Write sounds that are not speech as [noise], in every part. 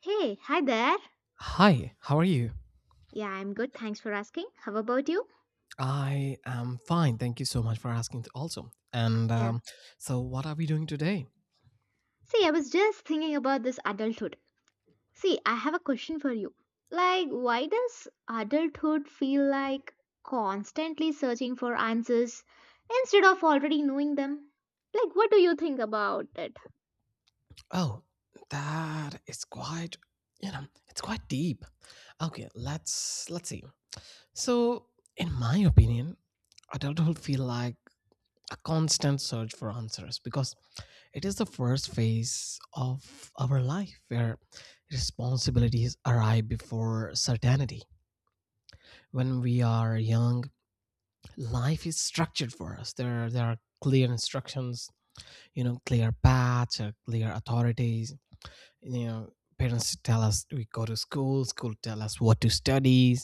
Hey, hi there. Hi, how are you? Yeah, I'm good. Thanks for asking. How about you? I am fine. Thank you so much for asking, also. And Yeah. So, what are we doing today? See, I was just thinking about this adulthood. See, I have a question for you. Like, why does adulthood feel like constantly searching for answers instead of already knowing them? Like, what do you think about it? Oh, that is quite, you know, it's quite deep. Okay, let's see. So, in my opinion, adulthood feel like a constant search for answers because it is the first phase of our life where responsibilities arrive before certainty. When we are young, life is structured for us. There are clear instructions, you know, clear paths, clear authorities. You know, parents tell us we go to school, school tell us what to study,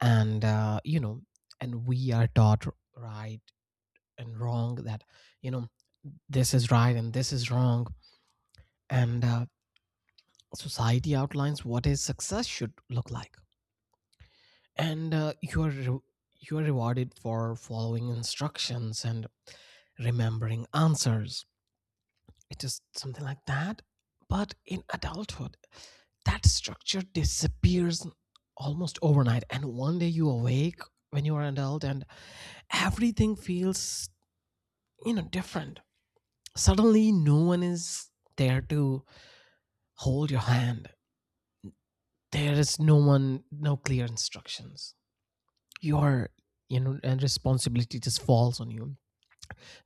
and and we are taught right and wrong, that you know this is right and this is wrong, and society outlines what a success should look like, and you are rewarded for following instructions and remembering answers. It is something like that, but in adulthood that structure disappears almost overnight, and one day you awake when you are an adult and everything feels, you know, different. Suddenly no one is there to hold your hand, there is no one, no clear instructions, your you know, and responsibility just falls on you.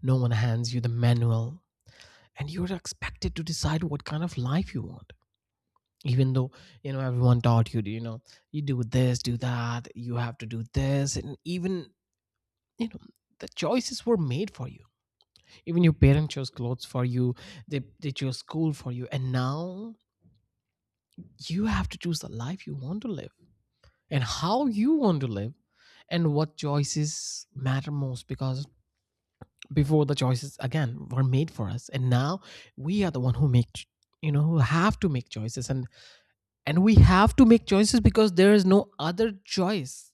No one hands you the manual, and you're expected to decide what kind of life you want, even though you know everyone taught you to, you know, you do this, do that, you have to do this, and even, you know, the choices were made for you. Even your parents chose clothes for you, they chose school for you, and now you have to choose the life you want to live, and how you want to live, and what choices matter most, because before the choices again were made for us, and now we are the one who you know, who have to make choices, and we have to make choices because there is no other choice.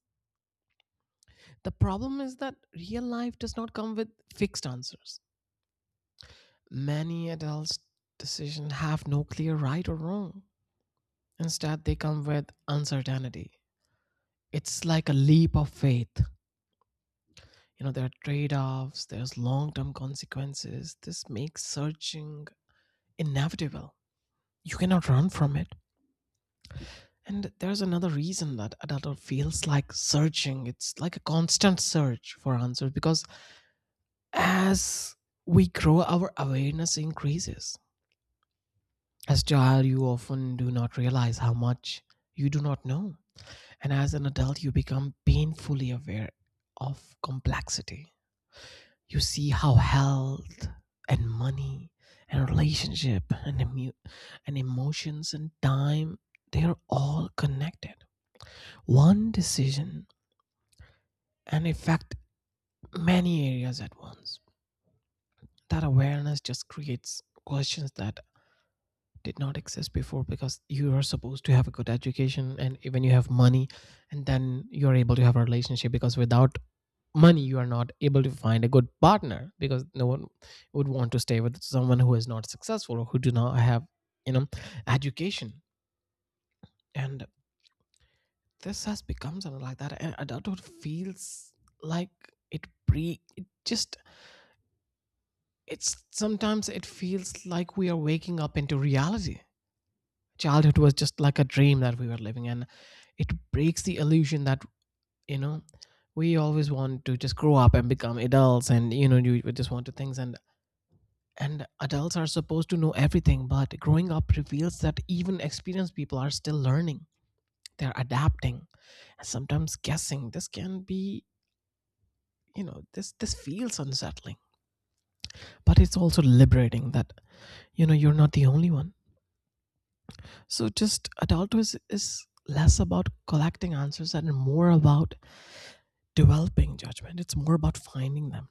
The problem is that real life does not come with fixed answers. Many adults decisions have no clear right or wrong, instead they come with uncertainty. It's like a leap of faith. You know, there are trade-offs, there's long-term consequences. This makes searching inevitable, you cannot run from it. And there's another reason that adulthood feels like searching. It's like a constant search for answers because as we grow, our awareness increases. As a child, you often do not realize how much you do not know. And as an adult, you become painfully aware of complexity. You see how health and money and relationship and, and emotions and time, they are all connected. One decision and affect many areas at once. That awareness just creates questions that did not exist before, because you are supposed to have a good education and even you have money, and then you're able to have a relationship, because without money you are not able to find a good partner, because no one would want to stay with someone who is not successful or who do not have, you know, education. And this has become something like that, and adulthood feels like it pre it just it's sometimes it feels like we are waking up into reality. Childhood was just like a dream that we were living, and it breaks the illusion that, you know, we always want to just grow up and become adults, and you know you just want to things, and adults are supposed to know everything, but growing up reveals that even experienced people are still learning. They're adapting and sometimes guessing. This can be, you know, this feels unsettling, but it's also liberating that, you know, you're not the only one. So just adulthood is less about collecting answers and more about developing judgment. It's more about finding them.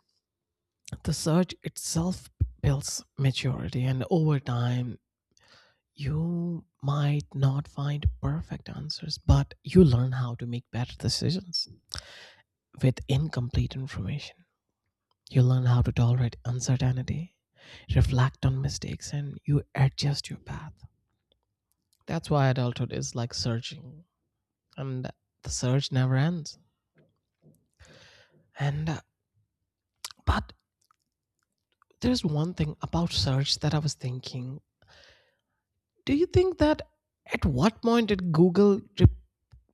The search itself builds maturity, and over time you might not find perfect answers, but you learn how to make better decisions with incomplete information. You learn how to tolerate uncertainty, reflect on mistakes, and you adjust your path. That's why adulthood is like searching, and the search never ends. And but there's one thing about search that I was thinking. Do you think that at what point did Google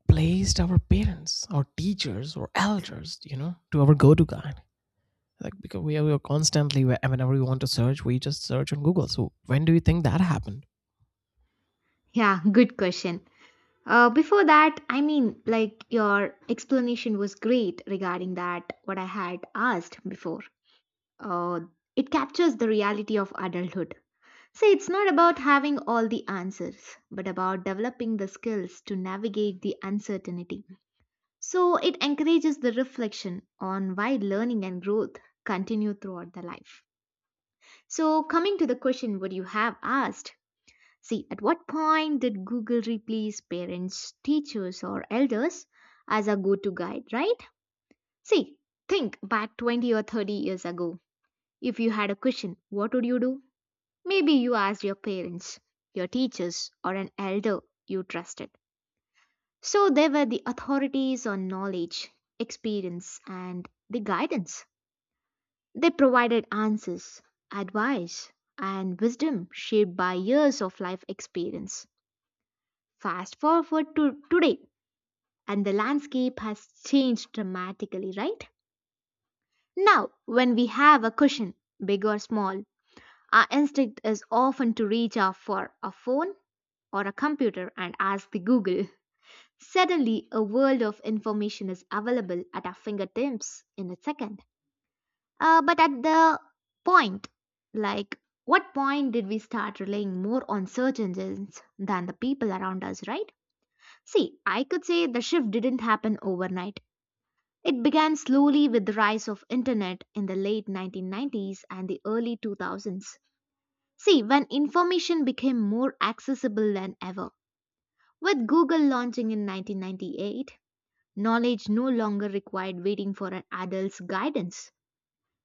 replaced our parents, our teachers, or elders? You know, to our go-to guide. Like, because we are constantly whenever we want to search, we just search on Google. So when do you think that happened? Yeah, good question. Before that, I mean, like, your explanation was great regarding that, what I had asked before. Uh, it captures the reality of adulthood. See, it's not about having all the answers, but about developing the skills to navigate the uncertainty. So it encourages the reflection on why learning and growth continue throughout the life. So coming to the question what you have asked, see at what point did Google replace parents, teachers or elders as a go-to guide, right? See, think back 20 or 30 years ago. If you had a question, what would you do? Maybe you asked your parents, your teachers, or an elder you trusted. So they were the authorities on knowledge, experience, and the guidance. They provided answers, advice, and wisdom shaped by years of life experience. Fast forward to today, and the landscape has changed dramatically, right? Now, when we have a question, big or small, our instinct is often to reach out for a phone or a computer and ask the Google. Suddenly, a world of information is available at our fingertips in a second. But at the point, like, what point did we start relying more on search engines than the people around us, right? See, I could say the shift didn't happen overnight. It began slowly with the rise of internet in the late 1990s and the early 2000s. See, when information became more accessible than ever, with Google launching in 1998, knowledge no longer required waiting for an adult's guidance.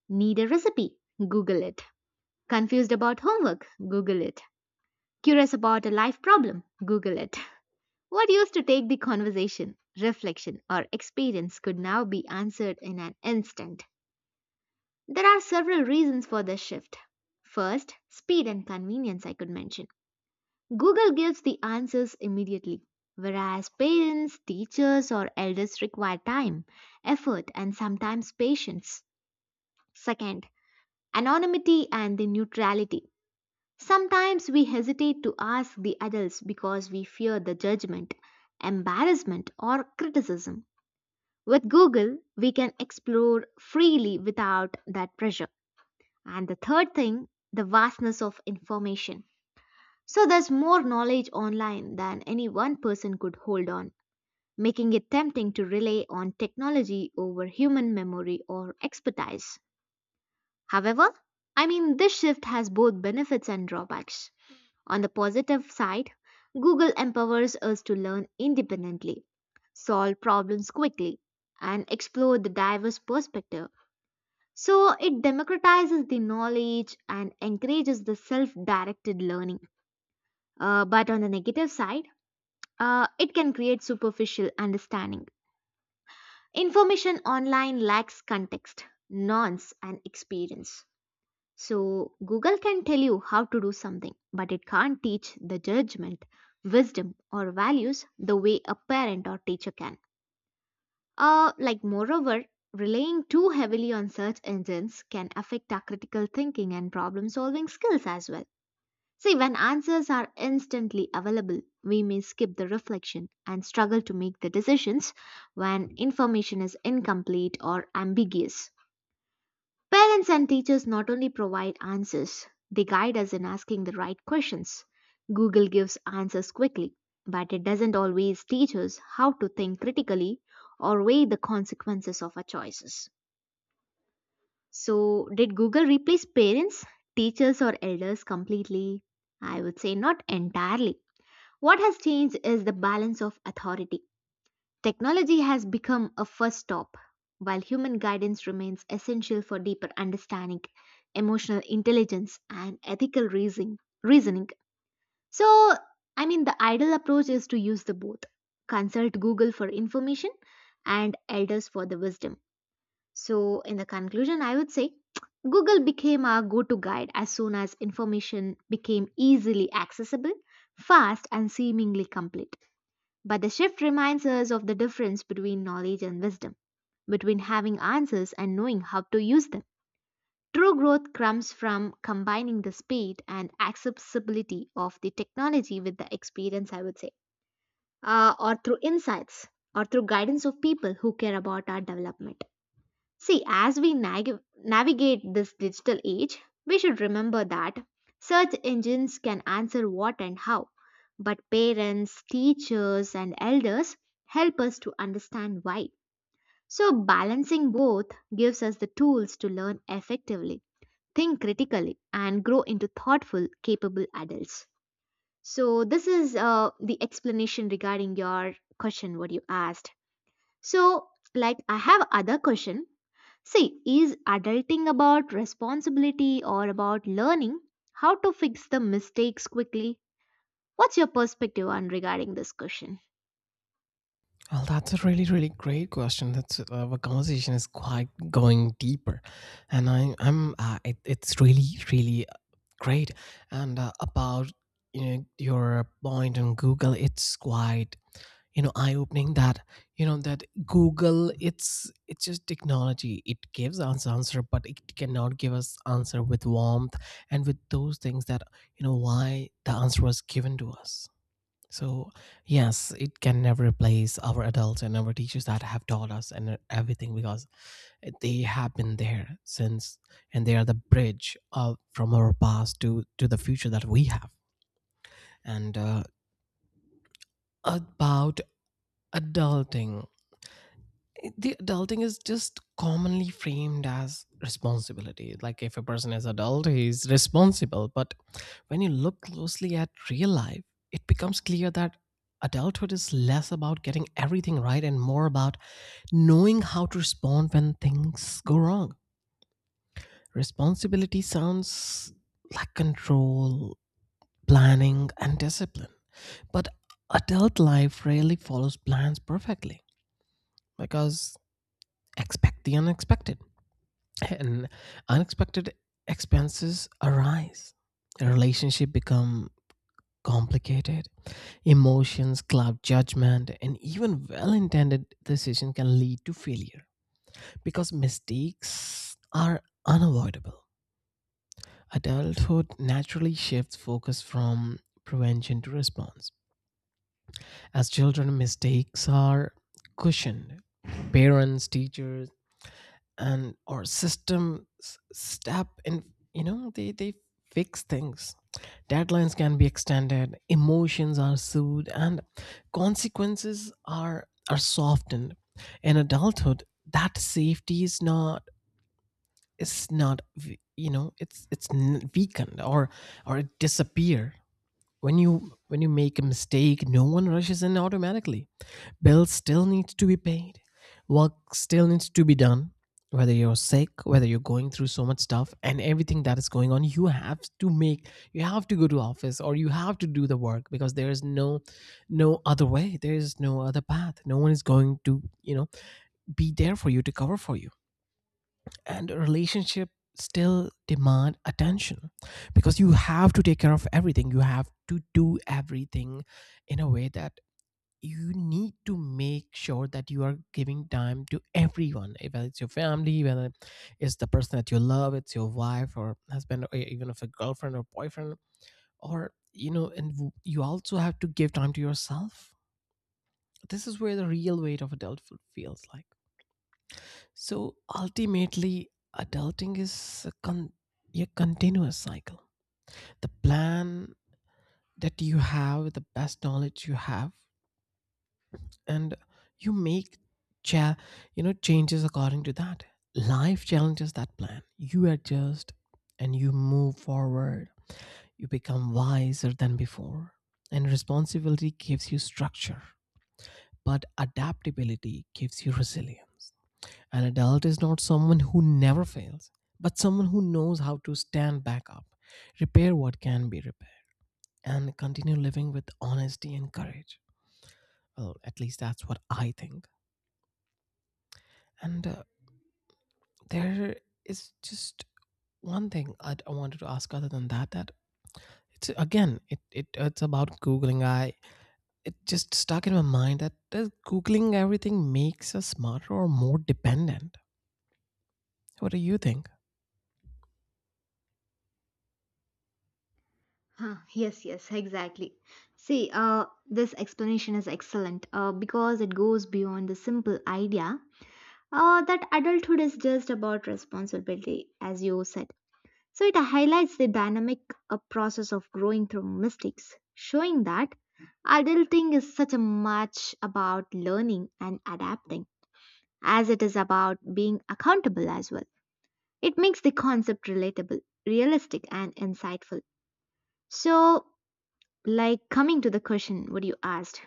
Need a recipe? Google it. Confused about homework? Google it. Curious about a life problem? Google it. What used to take the conversation, reflection, or experience could now be answered in an instant. There are several reasons for this shift. First, speed and convenience, I could mention. Google gives the answers immediately, whereas parents, teachers, or elders require time, effort, and sometimes patience. Second, anonymity and the neutrality. Sometimes we hesitate to ask the adults because we fear the judgment, embarrassment, or criticism. With Google, we can explore freely without that pressure. And the third thing, the vastness of information. So there's more knowledge online than any one person could hold on, making it tempting to rely on technology over human memory or expertise. However, I mean, this shift has both benefits and drawbacks. On the positive side, Google empowers us to learn independently, solve problems quickly, and explore the diverse perspective. So it democratizes the knowledge and encourages the self directed learning. But on the negative side, it can create superficial understanding. Information online lacks context, nuance, and experience. So, Google can tell you how to do something, but it can't teach the judgment, wisdom, or values the way a parent or teacher can. Like, moreover, relying too heavily on search engines can affect our critical thinking and problem solving skills as well. See, when answers are instantly available, we may skip the reflection and struggle to make the decisions when information is incomplete or ambiguous. Parents and teachers not only provide answers, they guide us in asking the right questions. Google gives answers quickly, but it doesn't always teach us how to think critically or weigh the consequences of our choices. So, did Google replace parents, teachers, or elders completely? I would say not entirely what has changed is the balance of authority. Technology has become a first stop, while human guidance remains essential for deeper understanding, emotional intelligence, and ethical reasoning. So, I mean, the ideal approach is to use the both. Consult Google for information and elders for the wisdom. So, in the conclusion, I would say Google became our go to guide as soon as information became easily accessible, fast, and seemingly complete. But the shift reminds us of the difference between knowledge and wisdom, between having answers and knowing how to use them. True growth comes from combining the speed and accessibility of the technology with the experience, I would say, or through insights or through guidance of people who care about our development. See, as we navigate this digital age, we should remember that search engines can answer what and how, but parents, teachers, and elders help us to understand why. So, balancing both gives us the tools to learn effectively, think critically, and grow into thoughtful, capable adults. So, this is the explanation regarding your question, what you asked. So, like, I have other question. See, is adulting about responsibility or about learning how to fix the mistakes quickly? What's your perspective on regarding this question? Well, that's a really, really great question. That's Our conversation is quite going deeper, and it's really, really great. And about, you know, your point on Google, it's quite, you know, eye opening, that you know that Google, it's just technology. It gives us answer, but it cannot give us answer with warmth and with those things that you know why the answer was given to us. So, yes, it can never replace our adults and our teachers that have taught us and everything, because they have been there since, and they are the bridge from our past to the future that we have. And about adulting, the adulting is just commonly framed as responsibility, like if a person is adult he's responsible, but when you look closely at real life, it becomes clear that adulthood is less about getting everything right and more about knowing how to respond when things go wrong. Responsibility sounds like control, planning and discipline, but adult life rarely follows plans perfectly, because expect the unexpected, and unexpected expenses arise, relationship become complicated, emotions cloud judgment, and even well-intended decision can lead to failure. Because mistakes are unavoidable, adulthood naturally shifts focus from prevention to response. As children, mistakes are cushioned. Parents, teachers, and or step in, you know, they fix things. Deadlines can be extended, emotions are soothed, and consequences are softened. In adulthood, that safety is not v- you know, it's weakened, or it disappear. When you make a mistake, no one rushes in automatically. Bills still need to be paid. Work still needs to be done. Whether you're sick, whether you're going through so much stuff and everything that is going on, you have to make you have to go to office, or you have to do the work because there is no no other way. There is no other path. No one is going to, you know, be there for you to cover for you. And a relationship still demand attention, because you have to take care of everything. You have to do everything in a way that you need to make sure that you are giving time to everyone, whether it's your family, whether it's the person that you love, it's your wife or husband, even if a girlfriend or boyfriend, or you know, and you also have to give time to yourself. This is where the real weight of adulthood feels like. So ultimately adulting is a continuous cycle. The plan that you have, the best knowledge you have, and you cha- you know, changes according to that. Life challenges that plan, you adjust and you move forward, you become wiser than before. And responsibility gives you structure, but adaptability gives you resilience. An adult is not someone who never fails, but someone who knows how to stand back up, repair what can be repaired, and continue living with honesty and courage. Well, at least that's what I think. And There is just one thing I wanted to ask other than that, that it it's about googling. I It just stuck in my mind, that does googling everything makes us smarter or more dependent. What do you think? Huh, yes, yes, exactly. See, this explanation is excellent because it goes beyond the simple idea that adulthood is just about responsibility, as you said. So it highlights the dynamic process of growing through mistakes, showing that adulting is such a much about learning and adapting as it is about being accountable as well. It makes the concept relatable, realistic and insightful. So like coming to the question what you asked.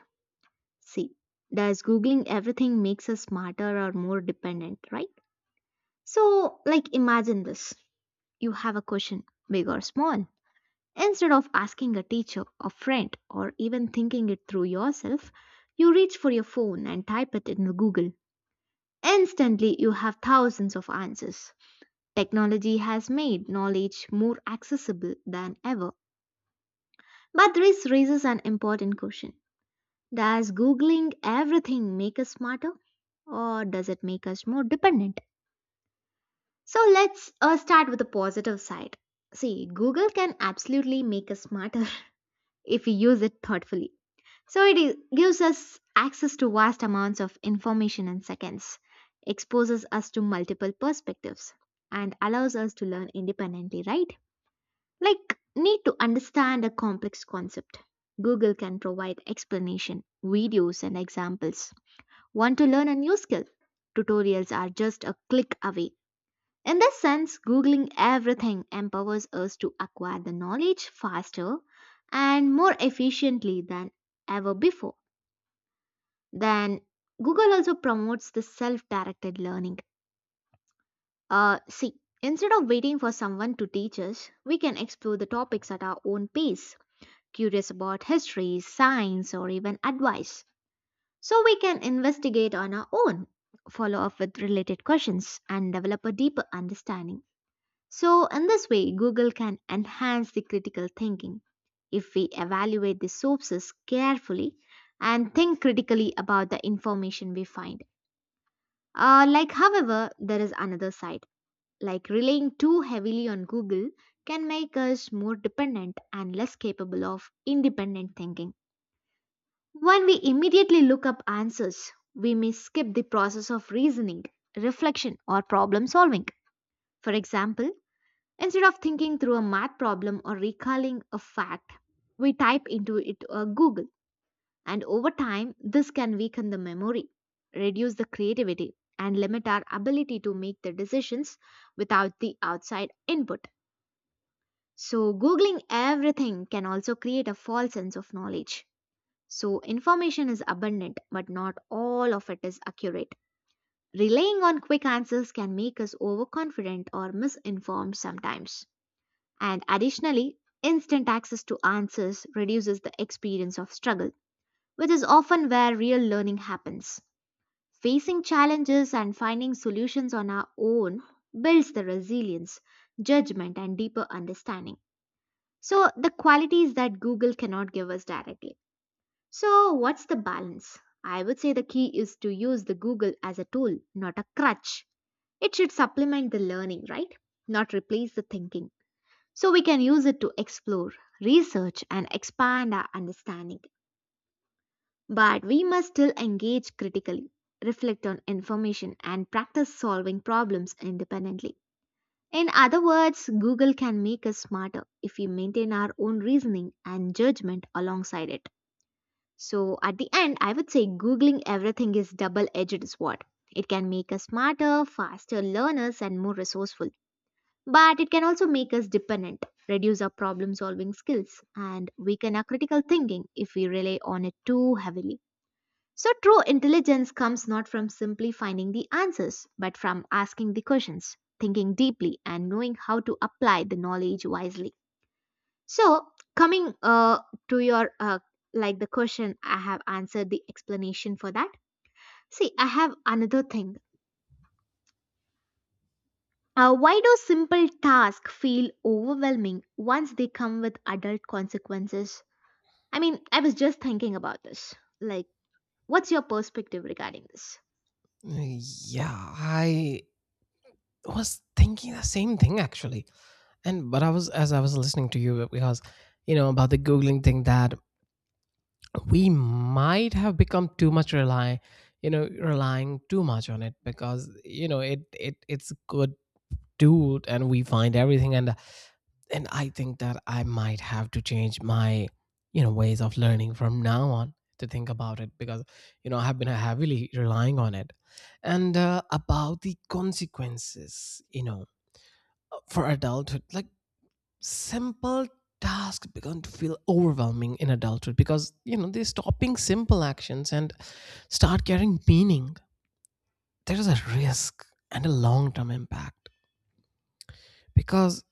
See, does googling everything makes us smarter or more dependent, right? So like imagine this. You have a question, big or small. Instead of asking a teacher, a friend, or even thinking it through yourself, you reach for your phone and type it in Google. Instantly, you have thousands of answers. Technology has made knowledge more accessible than ever. But this raises an important question. Does Googling everything make us smarter, or does it make us more dependent? So, let's start with the positive side. See, Google can absolutely make us smarter [laughs] if we use it thoughtfully. So it gives us access to vast amounts of information in seconds, exposes us to multiple perspectives, and allows us to learn independently, right? Like, need to understand a complex concept. Google can provide explanation, videos, and examples. Want to learn a new skill? Tutorials are just a click away. In this sense, Googling everything empowers us to acquire the knowledge faster and more efficiently than ever before. Then Google also promotes the self directed learning. See, instead of waiting for someone to teach us, we can explore the topics at our own pace, curious about history, science, or even advice. So we can investigate on our own, follow up with related questions, and develop a deeper understanding. So, in this way, Google can enhance the critical thinking. If we evaluate the sources carefully and think critically about the information we find. Like, however, there is another side. Like, relying too heavily on Google can make us more dependent and less capable of independent thinking. When we immediately look up answers, we may skip the process of reasoning, reflection, or problem solving. For example, instead of thinking through a math problem or recalling a fact, we type into it a Google and over time, this can weaken the memory, reduce the creativity, and limit our ability to make the decisions without the outside input. So, Googling everything can also create a false sense of knowledge. So, information is abundant, but not all of it is accurate. Relying on quick answers can make us overconfident or misinformed sometimes. And additionally, instant access to answers reduces the experience of struggle, which is often where real learning happens. Facing challenges and finding solutions on our own builds the resilience, judgment, and deeper understanding. So, the qualities that Google cannot give us directly. So, what's the balance? I would say the key is to use the Google as a tool, not a crutch. It should supplement the learning, right? Not replace the thinking. So, we can use it to explore, research, and expand our understanding. But we must still engage critically, reflect on information, and practice solving problems independently. In other words, Google can make us smarter if we maintain our own reasoning and judgment alongside it. So, at the end, I would say Googling everything is double edged sword. It can make us smarter, faster learners, and more resourceful. But it can also make us dependent, reduce our problem solving skills, and weaken our critical thinking if we rely on it too heavily. So, true intelligence comes not from simply finding the answers, but from asking the questions, thinking deeply, and knowing how to apply the knowledge wisely. So, coming to your like the question, I have answered the explanation for that. See, I have another thing. Why do simple tasks feel overwhelming once they come with adult consequences? I mean, I was just thinking about this. Like, what's your perspective regarding this? Yeah, I was thinking the same thing actually, and but I was as I was listening to you, because you know about the googling thing, that we might have become too much rely, you know, relying too much on it, because you know it's a good tool and we find everything, and I think that I might have to change my, you know, ways of learning from now on to think about it, because you know I have been heavily relying on it. And about the consequences, you know, for adulthood, like simple tasks begun to feel overwhelming in adulthood, because you know they're stopping simple actions and start carrying meaning. There is a risk and a long-term impact, because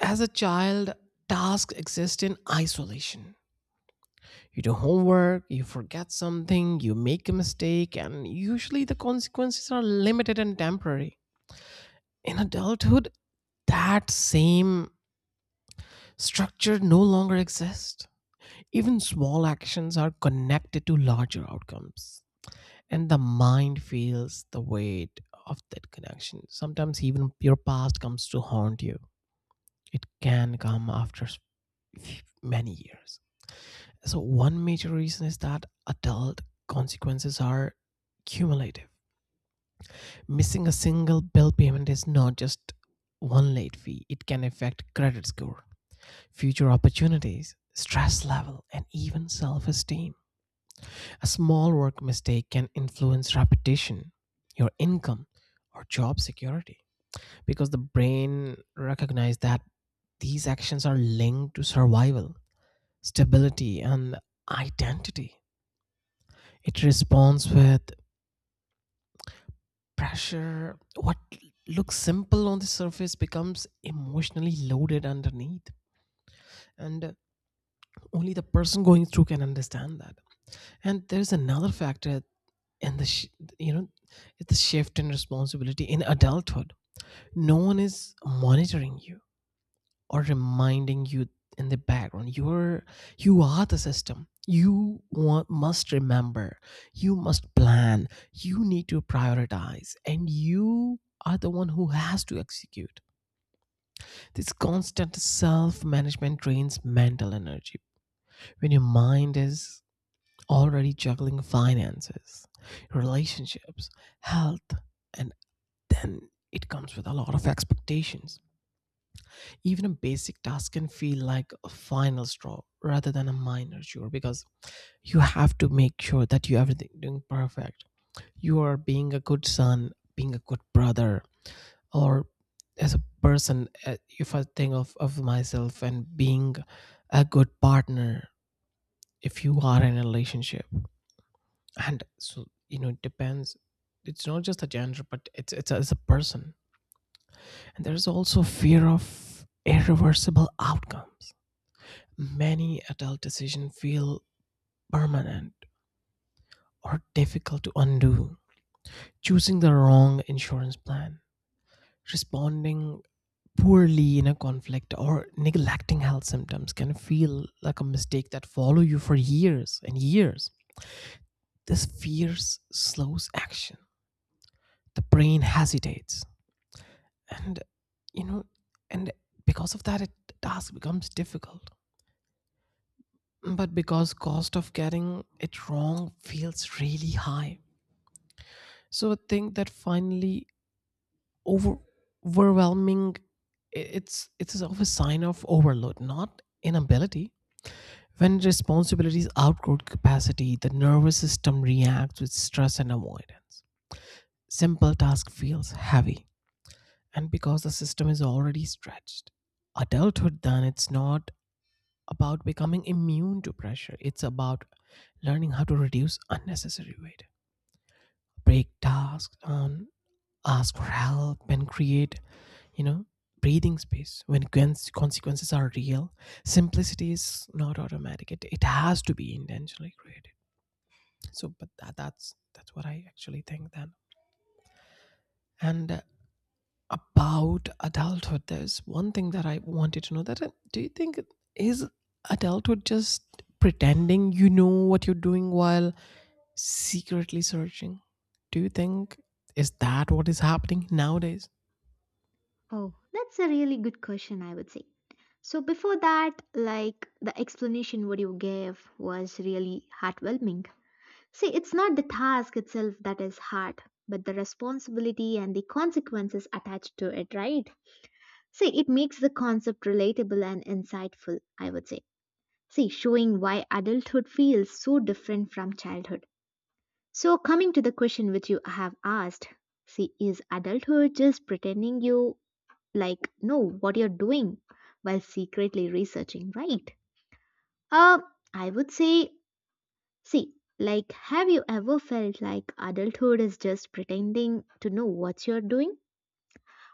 as a child tasks exist in isolation. You do homework, you forget something, you make a mistake, and usually the consequences are limited and temporary. In adulthood that same structure no longer exists. Even small actions are connected to larger outcomes, and the mind feels the weight of that connection. Sometimes, even your past comes to haunt you. It can come after many years. So, one major reason is that adult consequences are cumulative. Missing a single bill payment is not just one late fee, it can affect credit score, future opportunities, stress level, and even self esteem. A small work mistake can influence reputation, your income, or job security because the brain recognizes that these actions are linked to survival, stability, and identity. It responds with pressure. What looks simple on the surface becomes emotionally loaded underneath, and only the person going through can understand that. And there's another factor and the sh- you know it's a shift in responsibility in adulthood. No one is monitoring you or reminding you in the background. You are the system. You want, must remember, you must plan, you need to prioritize, and you are the one who has to execute. This constant self-management drains mental energy when your mind is already juggling finances, relationships, health, and then it comes with a lot of expectations. Even a basic task can feel like a final straw rather than a minor chore because you have to make sure that you everything doing perfect. You are being a good son, being a good brother, or as a person. If I think of myself and being a good partner, if you are in a relationship, and so you know, it depends. It's not just a gender, but it's as a person. And there's also fear of irreversible outcomes. Many adult decisions feel permanent or difficult to undo. Choosing the wrong insurance plan, responding poorly in a conflict, or neglecting health symptoms can feel like a mistake that follow you for years and years. This fear slows action. The brain hesitates, and you know and because of that it the task becomes difficult, but because cost of getting it wrong feels really high. So I think that finally, over overwhelming, it's of a sign of overload, not inability. When responsibilities outgrow capacity, the nervous system reacts with stress and avoidance. Simple task feels heavy, and because the system is already stretched, adulthood then, it's not about becoming immune to pressure, it's about learning how to reduce unnecessary weight, break tasks down, ask for help, and create, you know, breathing space when consequences are real. Simplicity is not automatic. It has to be intentionally created. So, but that's what I actually think then. And about adulthood, there's one thing that I wanted to know. That do you think, is adulthood just pretending you know what you're doing while secretly searching? Do you think is that what is happening nowadays? Oh, that's a really good question, I would say. So, before that, like the explanation what you gave was really heartwarming. See, it's not the task itself that is hard, but the responsibility and the consequences attached to it, right? See, it makes the concept relatable and insightful, I would say. See, showing why adulthood feels so different from childhood. So, coming to the question which you have asked, see, is adulthood just pretending you like know what you're doing while secretly researching, right? Uh, I would say, see, like, have you ever felt like adulthood is just pretending to know what you're doing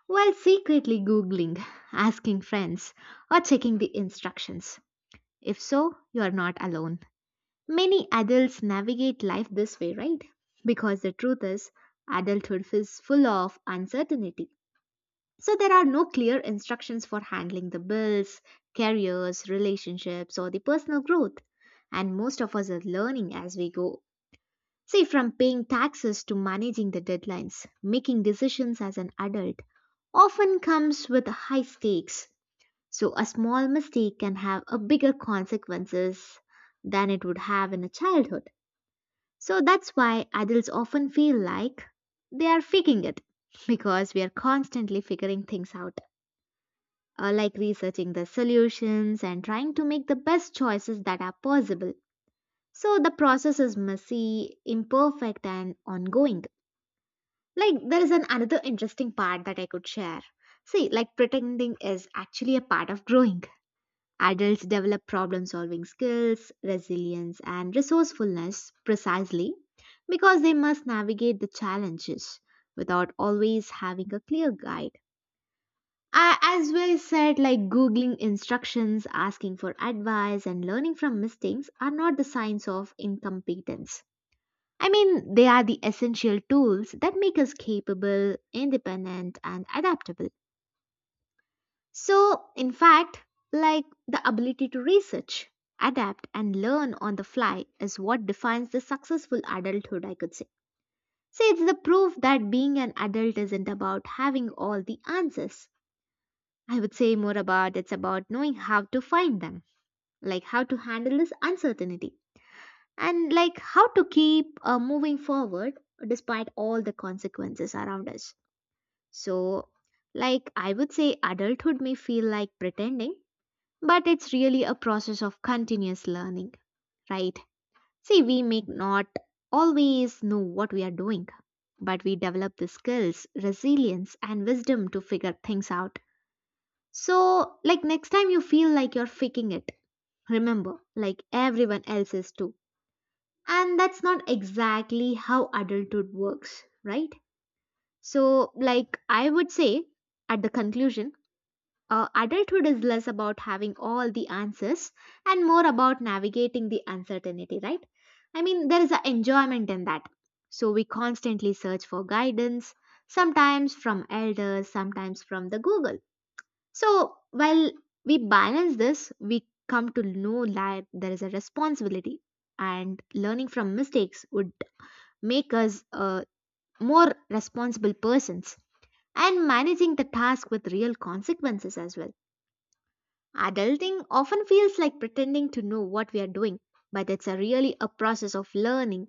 while secretly Googling, [laughs] asking friends, or checking the instructions? If so, you are not alone. Many adults navigate life this way, right? Because the truth is, adulthood is full of uncertainty. So there are no clear instructions for handling the bills, careers, relationships, or the personal growth. And most of us are learning as we go. See, from paying taxes to managing the deadlines, making decisions as an adult often comes with high stakes. So a small mistake can have a bigger consequences than it would have in a childhood. So that's why adults often feel like they are faking it [laughs] because we are constantly figuring things out like researching the solutions and trying to make the best choices that are possible. So the process is messy, imperfect, and ongoing. Like there is an another interesting part that I could share. See, like pretending is actually a part of growing. Adults develop problem solving skills, resilience, and resourcefulness precisely because they must navigate the challenges without always having a clear guide. I, as well said, like Googling instructions, asking for advice, and learning from mistakes are not the signs of incompetence. I mean, they are the essential tools that make us capable, independent, and adaptable. So, in fact, like the ability to research, adapt, and learn on the fly is what defines the successful adulthood, I could say. See, it's the proof that being an adult isn't about having all the answers. I would say more about it's about knowing how to find them, like how to handle this uncertainty, and like how to keep moving forward despite all the consequences around us. So, like I would say, adulthood may feel like pretending, but it's really a process of continuous learning, right? See, we may not always know what we are doing, but we develop the skills, resilience, and wisdom to figure things out. So, like next time you feel like you're faking it, remember, like everyone else is too. And that's not exactly how adulthood works, right? So, like I would say at the conclusion, adulthood is less about having all the answers and more about navigating the uncertainty, right? I mean, there is an enjoyment in that. So, we constantly search for guidance, sometimes from elders, sometimes from the Google so, while we balance this, we come to know that there is a responsibility, and learning from mistakes would make us more responsible persons and managing the task with real consequences as well. Adulting often feels like pretending to know what we are doing, but it's a really a process of learning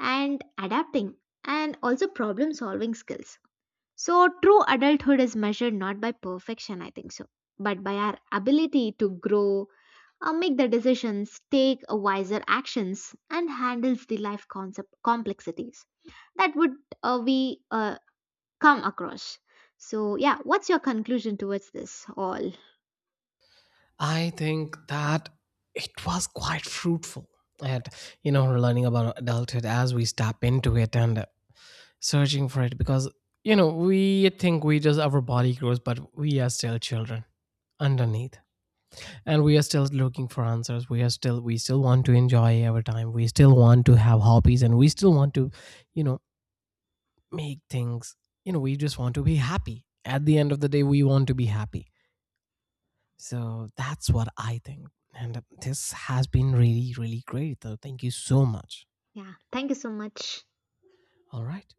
and adapting and also problem solving skills. So, true adulthood is measured not by perfection, I think so, but by our ability to grow, make the decisions, take wiser actions, and handles the life concept complexities that would we come across. So, yeah, what's your conclusion towards this all? I think that it was quite fruitful. And, you know, learning about adulthood as we step into it and searching for it because, you know, we think we just, our body grows, but we are still children underneath, and we are still looking for answers. We are still, we still want to enjoy our time, we still want to have hobbies, and we still want to, you know, make things, you know, we just want to be happy. At the end of the day, we want to be happy. So that's what I think. And this has been really really great, so thank you so much. Yeah, thank you so much. All right.